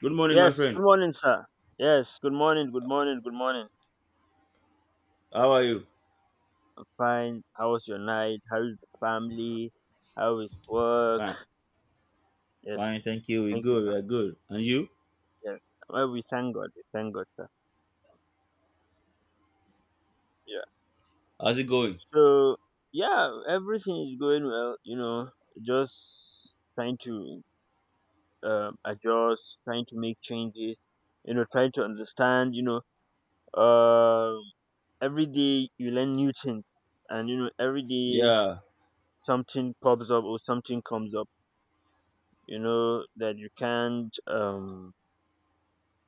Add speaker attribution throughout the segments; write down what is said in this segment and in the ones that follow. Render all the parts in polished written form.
Speaker 1: Good morning, my
Speaker 2: Yes,
Speaker 1: friend.
Speaker 2: good morning, sir. Yes, good morning, good morning, good morning.
Speaker 1: How are you?
Speaker 2: I'm fine. How was your night? How is the family? How is work?
Speaker 1: Fine.
Speaker 2: Yes,
Speaker 1: Fine, thank you. We're
Speaker 2: thank you,
Speaker 1: good. We
Speaker 2: sir.
Speaker 1: are good. And you?
Speaker 2: Yes. Well, we thank God. We thank God, sir. Yeah.
Speaker 1: How's it going?
Speaker 2: So, yeah, everything is going well, just trying to adjust, trying to make changes, trying to understand, um every day you learn new things, and, every day
Speaker 1: Yeah.
Speaker 2: something pops up or something comes up, that you can't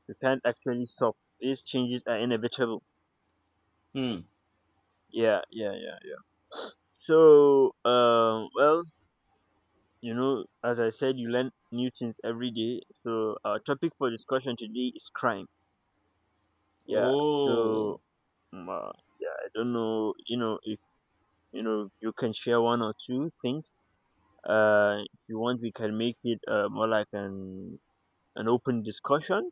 Speaker 2: you can't actually stop. These changes are inevitable.
Speaker 1: Hmm.
Speaker 2: Yeah, yeah, yeah, yeah. So, well, as I said, you learn new things every day. So our topic for discussion today is crime. Yeah. So,
Speaker 1: Oh.
Speaker 2: um, uh, yeah, I don't know, if you can share one or two things. If you want, we can make it more like an open discussion.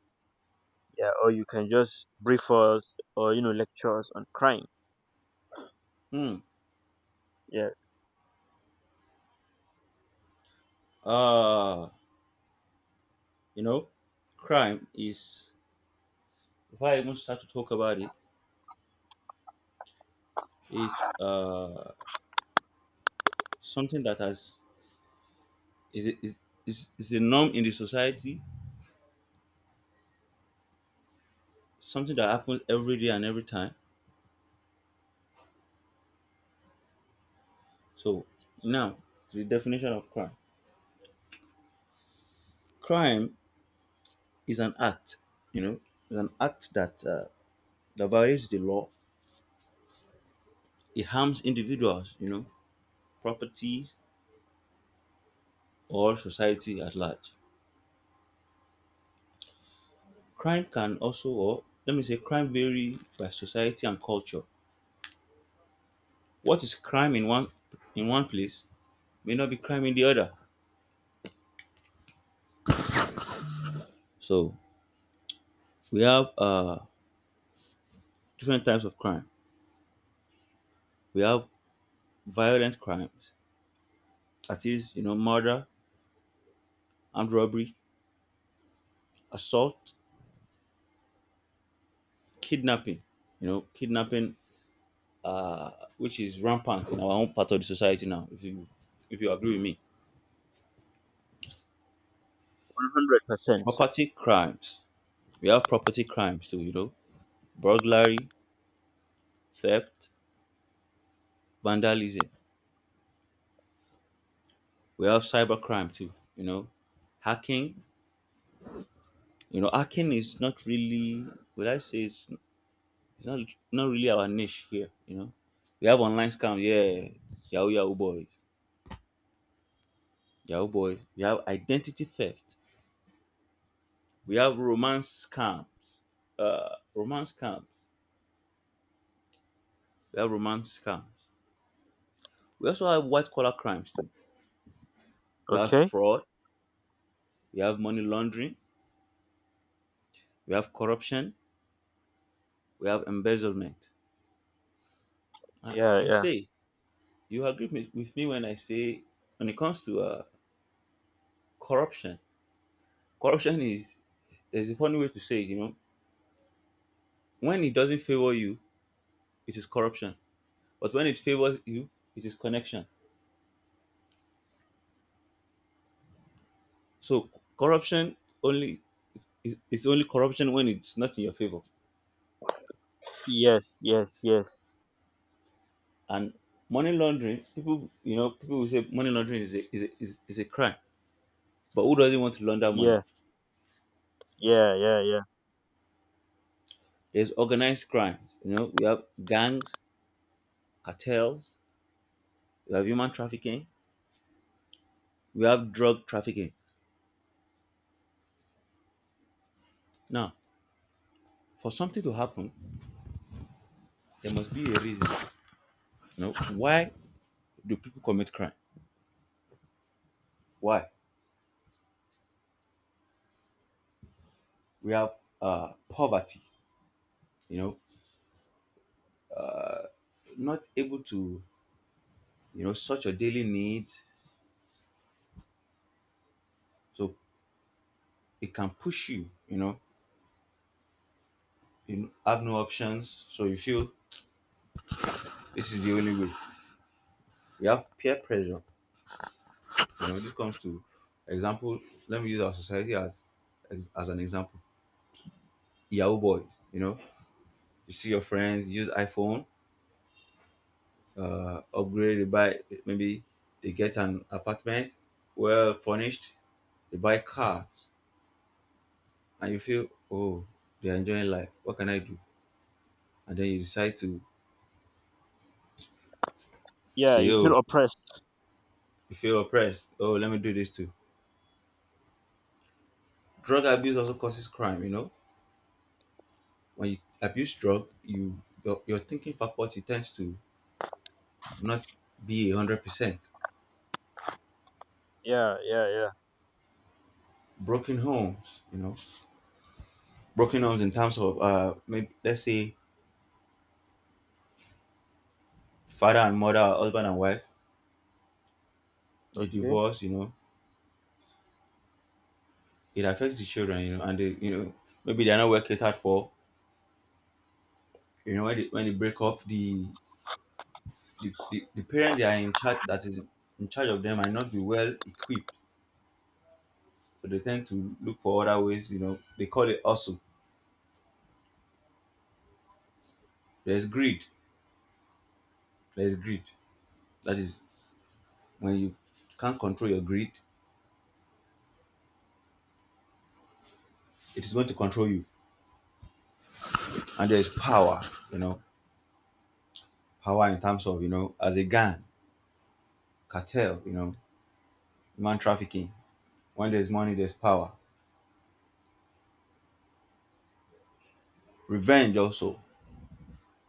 Speaker 2: Yeah. Or you can just brief us or lecture us on crime.
Speaker 1: Hmm.
Speaker 2: Yeah.
Speaker 1: Ah. You know, crime is, if I even start to talk about it, it's something that has is is is a norm in the society, something that happens every day and every time. So now to the definition of crime. Crime is an act, you know, is an act that that violates the law. It harms individuals, you know, properties, or society at large. Crime can also, or let me say, crime vary by society and culture. What is crime in one place may not be crime in the other. So we have different types of crime. We have violent crimes, that is, you know, murder, armed robbery, assault, kidnapping. You know, kidnapping, uh, which is rampant in our own part of the society now. If you agree with me,
Speaker 2: 100%.
Speaker 1: property crimes we have property crime too, you know, burglary, theft, vandalism. We have cyber crime too, you know, hacking. You know, hacking is not really, would I say it's not really our niche here, you know. We have online scam, yeah, Yahoo Yahoo boys, Yahoo boys. We have identity theft. We have romance scams, romance scams. We have romance scams. We also have white collar crimes too. We have
Speaker 2: Okay.
Speaker 1: fraud. We have money laundering. We have corruption. We have embezzlement. And
Speaker 2: Yeah,
Speaker 1: you
Speaker 2: yeah.
Speaker 1: say you agree with me when I say when it comes to corruption, corruption is, there's a funny way to say it. You know, when it doesn't favor you, it is corruption, but when it favors you, it is connection. So corruption only is, it's only corruption when it's not in your favor.
Speaker 2: Yes, yes, yes.
Speaker 1: And money laundering, people, you know, people will say money laundering is a crime, but who doesn't want to launder money?
Speaker 2: Yeah, yeah, yeah, yeah,
Speaker 1: There's organized crime. You know, we have gangs, cartels, we have human trafficking, we have drug trafficking. Now, for something to happen, there must be a reason. You know, why do people commit crime? Why? We have poverty, you know, not able to, you know, such your daily needs. So it can push you, you know, you have no options. So you feel this is the only way. We have peer pressure. You know, this comes to example. Let me use our society as an example. Yahoo boys, you know, you see your friends use iPhone, upgrade, they buy, maybe they get an apartment, well furnished, they buy car, and you feel, oh, they are enjoying life. What can I do? And then you decide to
Speaker 2: yeah.
Speaker 1: say,
Speaker 2: You feel
Speaker 1: oh,
Speaker 2: oppressed.
Speaker 1: you feel oppressed. Oh, let me do this too. Drug abuse also causes crime. You know, when you abuse drug, your thinking faculty tends to not be 100%.
Speaker 2: Yeah, yeah, yeah.
Speaker 1: Broken homes, you know, broken homes in terms of maybe let's say father and mother, husband and wife, they
Speaker 2: Okay.
Speaker 1: divorce. You know, it affects the children, you know, and they, you know, maybe they're not well catered for, you know, when they break up, the parent they are in charge, that is in charge of them, might not be well equipped, so they tend to look for other ways, you know, they call it also. There's greed, there's greed. That is, when you can't control your greed, it is going to control you. And there's power, you know, power in terms of, you know, as a gang, cartel, you know, human trafficking. When there's money, there's power. Revenge also,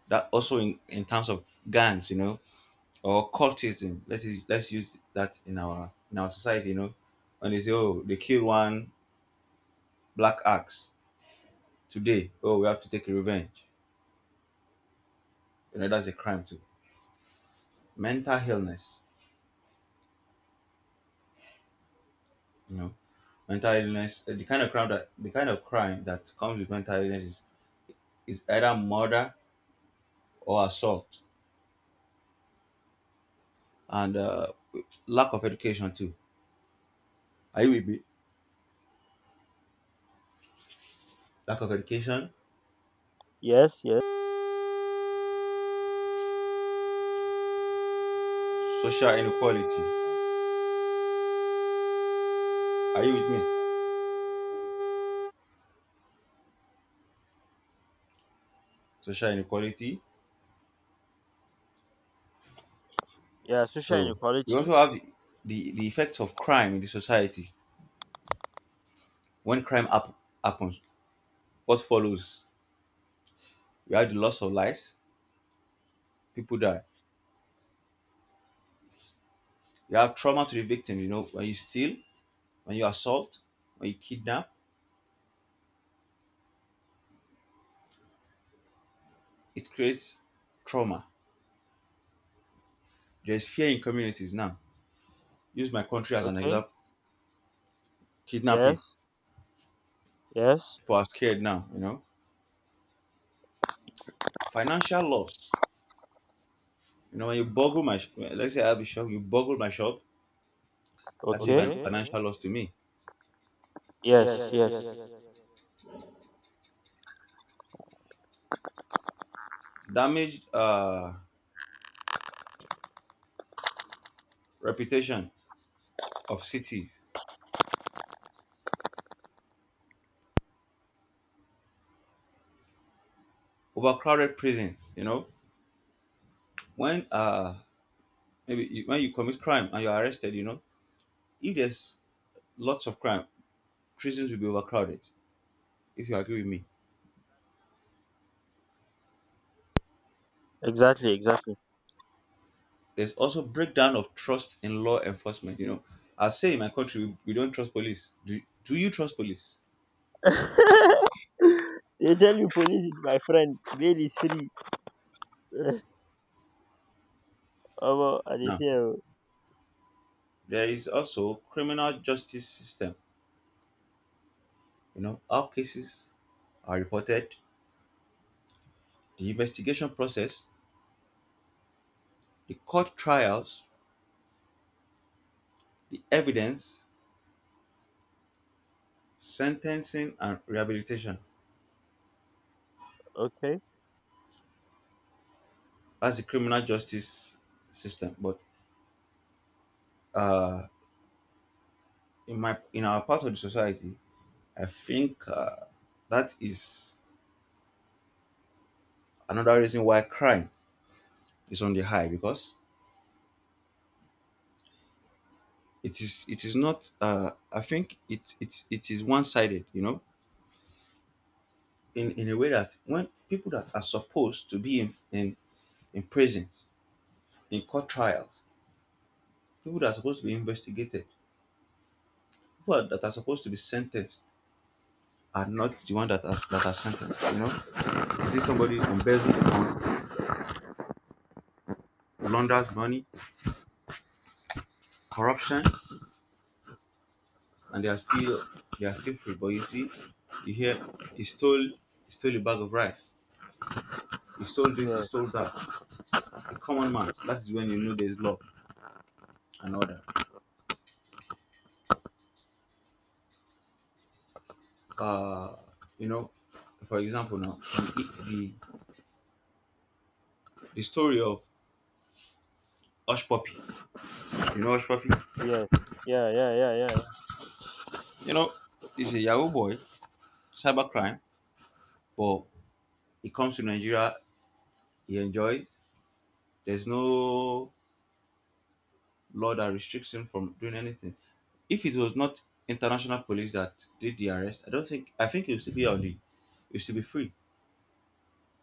Speaker 1: that also in terms of gangs, you know, or cultism, let's use that in our society, you know, and they say, oh, they kill one black axe today, oh, we have to take revenge, you know, that's a crime too. Mental illness, you know, mental illness, the kind of crime that the kind of crime that comes with mental illness is either murder or assault, and lack of education too. Are you with me? Lack of education.
Speaker 2: Yes, yes.
Speaker 1: Social inequality. Are you with me? Social inequality.
Speaker 2: Yeah, social
Speaker 1: So we
Speaker 2: inequality.
Speaker 1: also have the effects of crime in the society. When happens, what follows? We have the loss of lives, people die. You have trauma to the victim, you know, when you steal, when you assault, when you kidnap, it creates trauma. There's fear in communities now. Use my country as an
Speaker 2: Okay.
Speaker 1: example. Kidnapping.
Speaker 2: Yes, yes.
Speaker 1: People are scared now, you know. Financial loss. You know, when you boggle my, let's say I have a shop, you boggle my shop, that is a
Speaker 2: Okay.
Speaker 1: financial
Speaker 2: Okay.
Speaker 1: loss to me.
Speaker 2: Yes, yes.
Speaker 1: Damaged reputation of cities, overcrowded prisons. You know, when maybe you, when you commit crime and you're arrested, you know, if there's lots of crime, prisons will be overcrowded. If you agree with me,
Speaker 2: Exactly, exactly.
Speaker 1: there's also breakdown of trust in law enforcement. You know, I say in my country we don't trust police. Do you trust police?
Speaker 2: They tell you police is my friend, bail is free. Omo, I dey.
Speaker 1: Now there is also criminal justice system. You know, how cases are reported, the investigation process, the court trials, the evidence, sentencing and rehabilitation.
Speaker 2: Okay.
Speaker 1: That's the criminal justice system. But uh, in my, in our part of the society, I think that is another reason why crime is on the high, because it is, it is not, I think it is one-sided, you know, in a way that when people that are supposed to be in prisons, in court trials, people that are supposed to be investigated, people that are supposed to be sentenced are not the one that are sentenced, you know. You see somebody embezzles or launders money, corruption, and they are still, they are still free. But you see, you hear, he stole he stole a bag of rice. He stole this, he
Speaker 2: Yeah.
Speaker 1: stole that. A common man. That is when you know there is law and order. Uh, you know, for example now, the story of Hush Puppy. You know Hush Puppy?
Speaker 2: Yes. Yeah, yeah, yeah, yeah, yeah.
Speaker 1: You know, he's a Yahoo boy, cybercrime, but he comes to Nigeria, he enjoys. There's no law that restricts him from doing anything. If it was not international police that did the arrest, I don't think, I think he would still be on the he would still be free.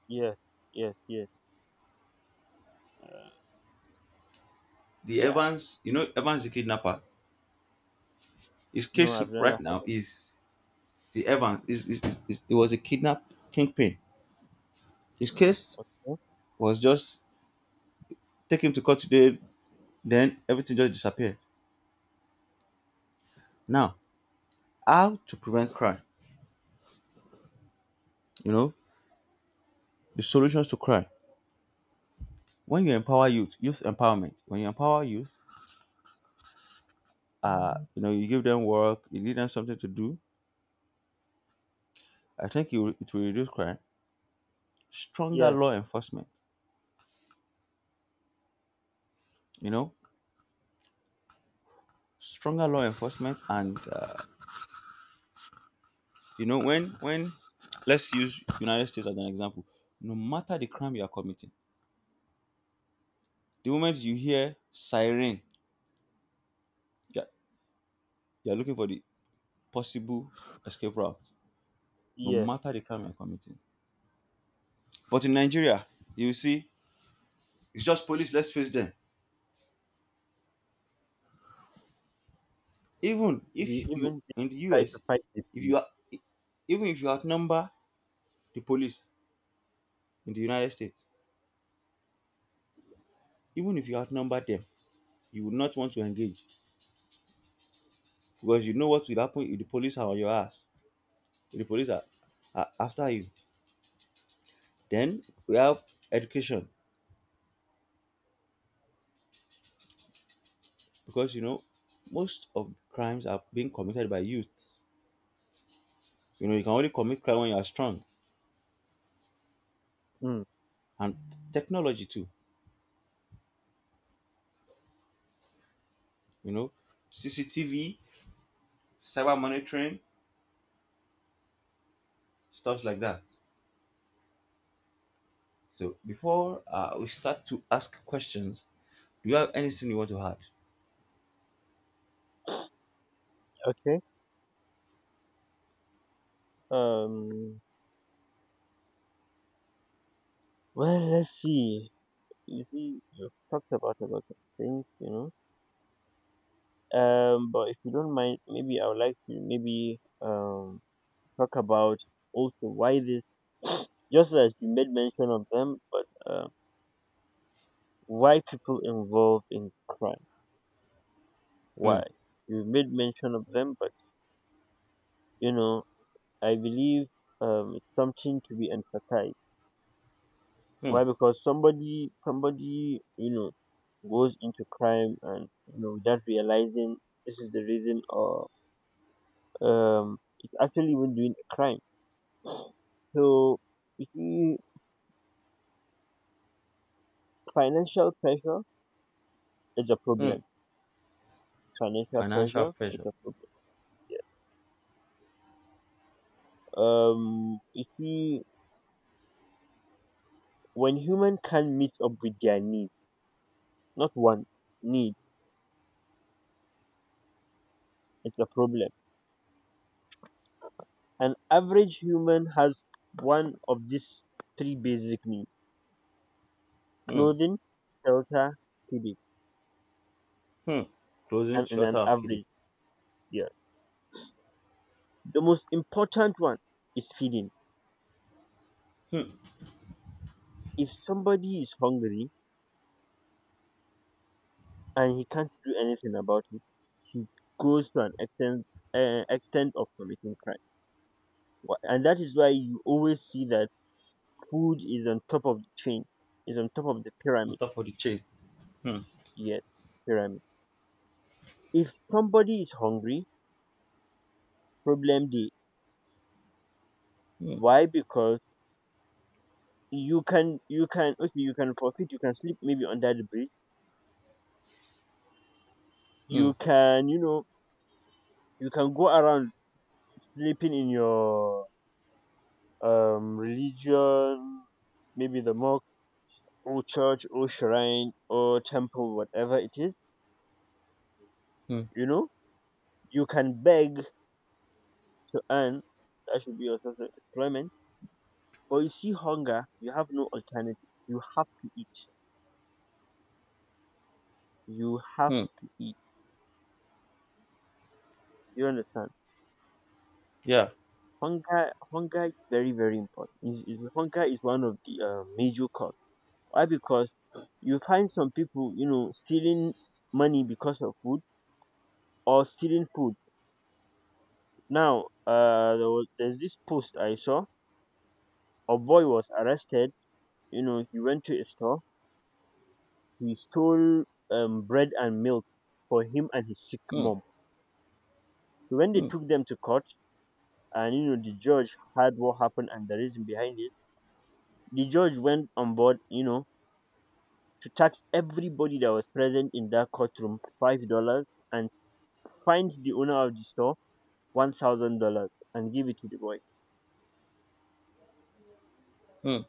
Speaker 2: Yes, yes, yes. Uh,
Speaker 1: The
Speaker 2: yeah.
Speaker 1: Evans, you know, Evans the kidnapper. His
Speaker 2: No,
Speaker 1: case
Speaker 2: I've never
Speaker 1: right
Speaker 2: had
Speaker 1: now
Speaker 2: that.
Speaker 1: is, the Evans is it was a kidnap kingpin. His case
Speaker 2: Huh?
Speaker 1: was just, take him to court today, then everything just disappeared. Now, how to prevent crime? You know, the solutions to crime. When you empower youth, youth empowerment. When you empower youth, you know, you give them work, you give them something to do, I think it will reduce crime. Stronger
Speaker 2: Yes,
Speaker 1: law enforcement, you know, stronger law enforcement, and you know, when let's use United States as an example. No matter the crime you are committing, the moment you hear siren, you're, you're looking for the possible escape route. No
Speaker 2: yes.
Speaker 1: matter the crime you're committing, but in Nigeria, you will see it's just police. Let's face them, even if
Speaker 2: He
Speaker 1: you
Speaker 2: even they
Speaker 1: in the
Speaker 2: try to
Speaker 1: US,
Speaker 2: fight the
Speaker 1: if you
Speaker 2: police.
Speaker 1: are, even if you outnumber the police in the United States, even if you outnumber them, you would not want to engage, because you know what will happen. If the police are on your ass, if the police are after you. Then we have education, because you know most of crimes are being committed by youth. You know, you can only commit crime when you are strong.
Speaker 2: Mm.
Speaker 1: And technology too, you know, CCTV, cyber monitoring, stuff like that. So before we start to ask questions, do you have anything you want to add?
Speaker 2: Okay. Um. Well, let's see. You see, you've talked about a lot of things. But if you don't mind, maybe I would like to maybe talk about also why this. Just as you made mention of them, but why people involved in crime?
Speaker 1: Hmm.
Speaker 2: Why you made mention of them, but you know I believe it's something to be emphasized.
Speaker 1: Hmm.
Speaker 2: Why? Because somebody, goes into crime and without realizing this is the reason, or it's actually even doing a crime. So, you see, financial pressure is a
Speaker 1: Hmm.
Speaker 2: problem. Financial
Speaker 1: Financial
Speaker 2: pressure is
Speaker 1: pressure.
Speaker 2: a problem. You see, when human can meet up with their needs, not one need, it's a problem. An average human has one of these three basic needs:
Speaker 1: Hmm.
Speaker 2: clothing, shelter, feeding,
Speaker 1: Hmm. Closing
Speaker 2: and in
Speaker 1: shutter
Speaker 2: an
Speaker 1: affiliate.
Speaker 2: average year. The most important one is feeding.
Speaker 1: Hmm.
Speaker 2: If somebody is hungry and he can't do anything about it, he goes to an extent, extent of committing crime. And that is why you always see that food is on top of the chain, is on top of the
Speaker 1: On
Speaker 2: pyramid.
Speaker 1: top of the chain. Hmm.
Speaker 2: Yes, pyramid. If somebody is hungry, problem day.
Speaker 1: Hmm.
Speaker 2: Why? Because you can, okay, you can profit, you can sleep maybe under the bridge,
Speaker 1: Hmm.
Speaker 2: you can, you can go around sleeping in your religion, maybe the mosque or church or shrine or temple, whatever it is,
Speaker 1: Hmm.
Speaker 2: you know you can beg to earn, that should be your source of employment. But you see, hunger, you have no alternative, you have to eat, you have
Speaker 1: Hmm.
Speaker 2: to eat. You understand?
Speaker 1: Yeah.
Speaker 2: Hunger, hunger is very, very important. Hunger is one of the major cause. Why? Because you find some people, stealing money because of food or stealing food. Now, there's this post I saw. A boy was arrested. He went to a store. He stole bread and milk for him and his sick
Speaker 1: Hmm.
Speaker 2: mom. So when they
Speaker 1: Hmm.
Speaker 2: took them to court, and the judge heard what happened and the reason behind it. The judge went on board, to tax everybody that was present in that courtroom $5 and find the owner of the store $1,000 and give it to the boy.
Speaker 1: Hmm.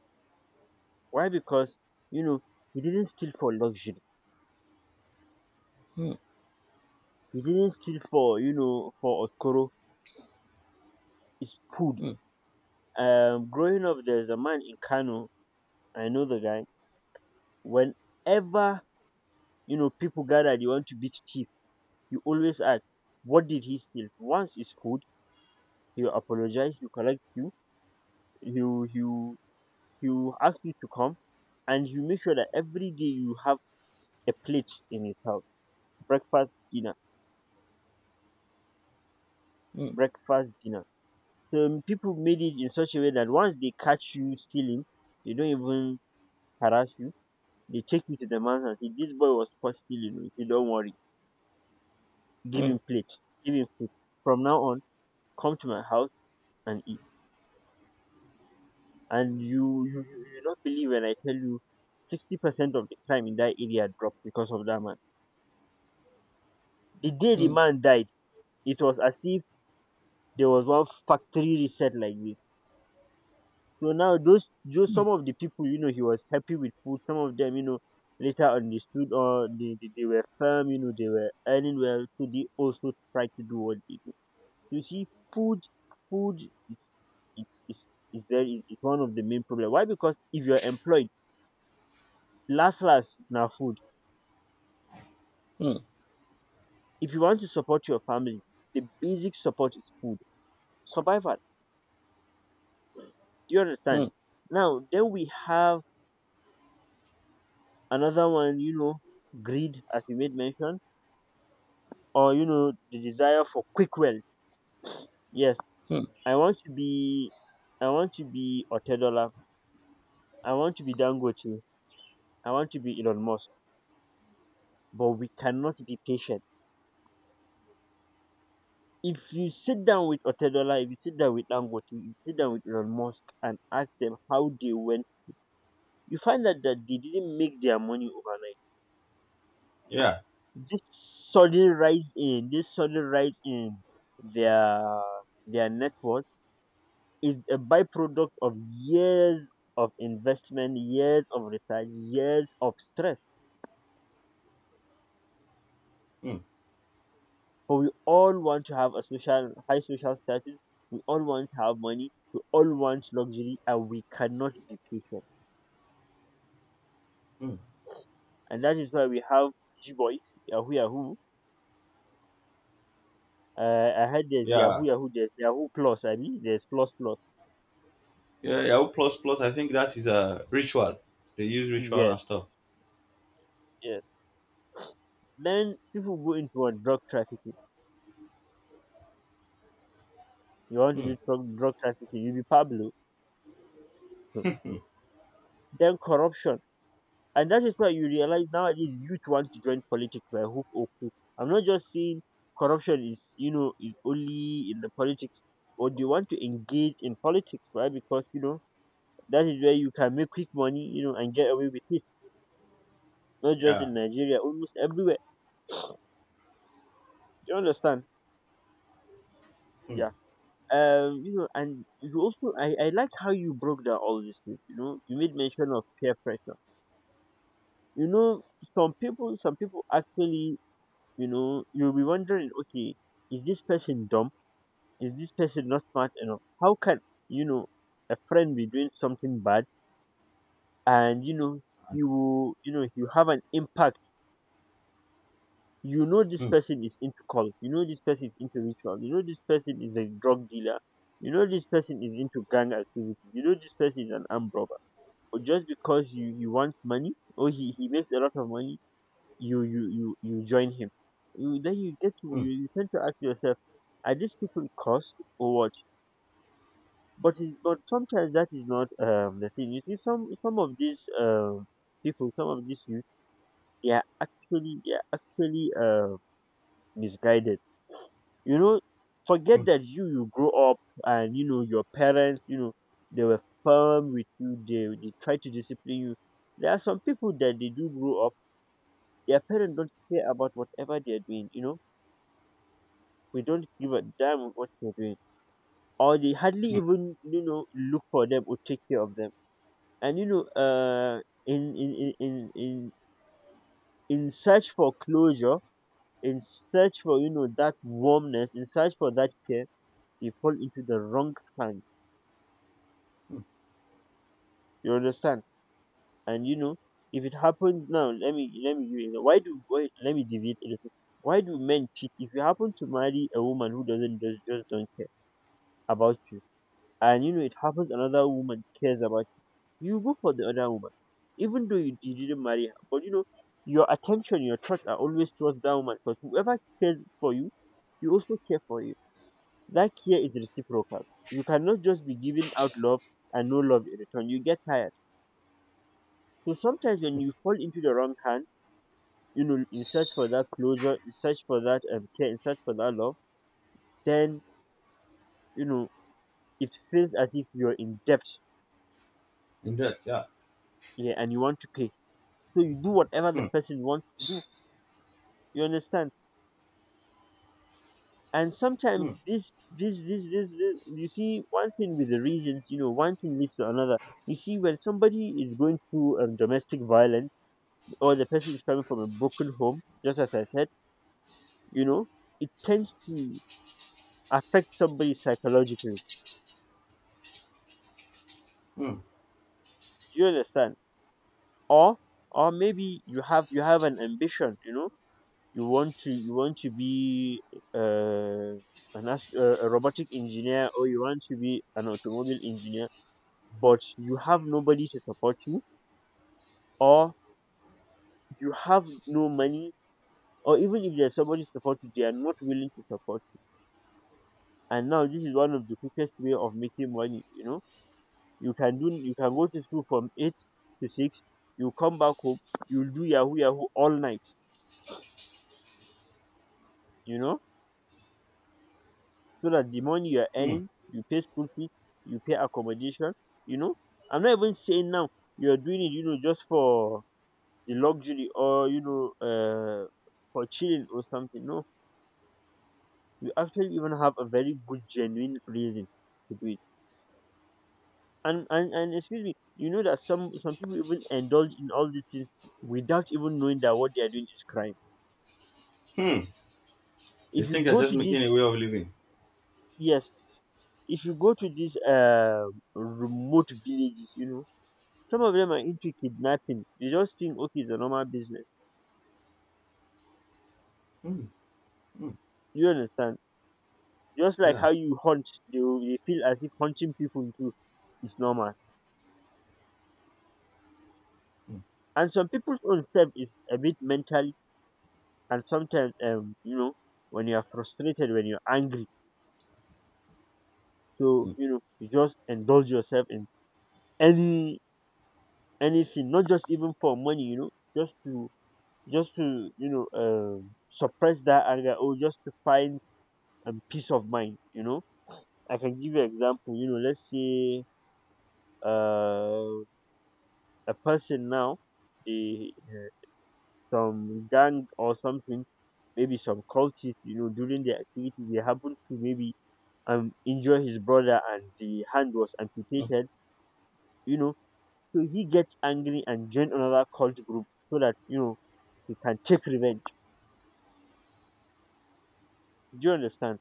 Speaker 2: Why? Because you know he didn't steal for luxury.
Speaker 1: Hmm.
Speaker 2: He didn't steal for, for okoro. It's food.
Speaker 1: Hmm.
Speaker 2: Growing up, there's a man in Kano. I know the guy. Whenever people gather, they want to beat thief. You always ask, what did he steal? Once it's food, he will apologize. You collect you. He will, he will he will ask you to come, and you make sure that every day you have a plate in his house. Breakfast, dinner,
Speaker 1: Hmm.
Speaker 2: breakfast, dinner. So, people made it in such a way that once they catch you stealing, they don't even harass you, they take you to the man's and say, this boy was caught stealing, you say, don't worry, give
Speaker 1: Hmm.
Speaker 2: him plate, give him food, from now on come to my house and eat. And you not believe when I tell you 60% of the crime in that area dropped because of that man. The day the
Speaker 1: Hmm.
Speaker 2: man died, it was as if there was one factory reset like this. So now, those
Speaker 1: Hmm.
Speaker 2: some of the people, he was happy with food. Some of them, later on they stood, or they were firm. You know they were earning well, so they also tried to do what they do. You see, food food is it's is very is one of the main problem. Why? Because if you are employed, last last now food.
Speaker 1: Hmm.
Speaker 2: If you want to support your family, the basic support is food survival. Do you understand?
Speaker 1: Hmm.
Speaker 2: Now then we have another one, greed, as you made mention, or the desire for quick wealth. Yes,
Speaker 1: Hmm.
Speaker 2: i want to be I want to be Otedola, I want to be Dangote, I want to be Elon Musk, but we cannot be patient. If you sit down with Otedola, if you sit down with Dangote, if you sit down with Elon Musk, and ask them how they went, you find out that they didn't make their money overnight.
Speaker 1: Yeah.
Speaker 2: This sudden rise in this sudden rise in their their network is a byproduct of years of investment, years of research, years of stress.
Speaker 1: Hmm.
Speaker 2: But we all want to have a social, high social status. We all want to have money. We all want luxury, and we cannot be patient.
Speaker 1: Hmm.
Speaker 2: And that is why we have G boys, Yahoo Yahoo. I heard there's
Speaker 1: Yeah.
Speaker 2: Yahoo Yahoo, there's Yahoo Plus. I mean, there's Plus Plus.
Speaker 1: Yeah. Yahoo plus plus. I think that is a ritual. They use ritual
Speaker 2: Yes,
Speaker 1: and stuff.
Speaker 2: yes. Then people go into what drug trafficking. You want to
Speaker 1: Hmm.
Speaker 2: do drug trafficking, you be Pablo. Then corruption. And that is why you realize nowadays youth want to join politics by hook or crook. I'm not just saying corruption is only in the politics, or they want to engage in politics, right? Because, that is where you can make quick money, and get away with it. Not just
Speaker 1: Yeah.
Speaker 2: in Nigeria, almost everywhere. You understand?
Speaker 1: Hmm.
Speaker 2: Yeah. And you also, I like how you broke down all these things, you made mention of peer pressure. You know, some people actually, you'll be wondering, okay, is this person dumb? Is this person not smart enough? How can, you know a friend be doing something bad, and you will, you have an impact? You know this
Speaker 1: Hmm.
Speaker 2: person is into cult. You know this person is into ritual. You know this person is a drug dealer. You know this person is into gang activity. You know this person is an armed robber. But just because you he wants money or he makes a lot of money, you join him. Then you get to,
Speaker 1: Hmm.
Speaker 2: you tend to ask yourself, are these people cursed or what? But sometimes that is not the thing. You see, some of these people, some of these youth, they are actually misguided. You know, forget
Speaker 1: Hmm.
Speaker 2: that you grow up, and you know your parents, they were firm with you. They try to discipline you. There are some people that they do grow up. Their parents don't care about whatever they are doing. You know, we don't give a damn what you're doing, or they hardly even look for them or take care of them. And in in in in in in search for closure, in search for, that warmness, in search for that care, you fall into the wrong hand. You understand? And if it happens now, let me give you why do why, let me deviate a little. Why do men cheat? If you happen to marry a woman who doesn't just don't care about you, and it happens another woman cares about, you go for the other woman, even though you didn't marry her. But, your attention, your thoughts are always towards that woman, because whoever cares for you, you also care for you. That care is reciprocal. You cannot just be giving out love and no love in return. You get tired. So sometimes when you fall into the wrong hand, in search for that closure, in search for that care, in search for that love, then you know it feels as if you're in debt,
Speaker 1: In that, yeah.
Speaker 2: yeah, and you want to pay. So you do whatever the
Speaker 1: Hmm.
Speaker 2: person wants to do. You understand? And
Speaker 1: Hmm.
Speaker 2: sometimes this you see, one thing with the reasons, one thing leads to another. You see, when somebody is going through domestic violence, or the person is coming from a broken home, just as I said, you know it tends to affect somebody psychologically.
Speaker 1: Hmm.
Speaker 2: Do you understand? Or, maybe you have an ambition, you want to be uh, an a robotic engineer, or you want to be an automobile engineer. But you have nobody to support you, or you have no money, or even if there's somebody to support you, they are not willing to support you. And now this is one of the quickest way of making money. You can go to school from 8 to 6, you come back home, you'll do yahoo yahoo all night, you know so that the money you're
Speaker 1: Hmm.
Speaker 2: earning, you pay school fees, you pay accommodation. you know I'm not even saying now you're doing it, just for the luxury, or for chilling or something, no, you actually even have a very good genuine reason to do it. And excuse me, that some, people even indulge in all these things without even knowing that what they are doing is crime.
Speaker 1: Hmm. You
Speaker 2: If you
Speaker 1: think they're
Speaker 2: go
Speaker 1: just
Speaker 2: to
Speaker 1: making a
Speaker 2: this
Speaker 1: way of living.
Speaker 2: Yes, if you go to these remote villages, some of them are into kidnapping, they just think okay, it's a normal business.
Speaker 1: Hmm. Hmm.
Speaker 2: You understand? Just like
Speaker 1: Yeah.
Speaker 2: how you hunt, they feel as if hunting people too is normal.
Speaker 1: Hmm.
Speaker 2: And some people's own self is a bit mentally. And sometimes when you are frustrated, when you're angry, so
Speaker 1: Hmm.
Speaker 2: you just indulge yourself in any anything, not just even for money, just to just to suppress that anger, or just to find peace of mind. I can give you example. Let's say uh a person now, they, some gang or something, maybe some cultists, you know, during the activity, they happened to maybe injure his brother, and the hand was amputated, you know. So he gets angry and join another cult group so that, he can take revenge. Do you understand?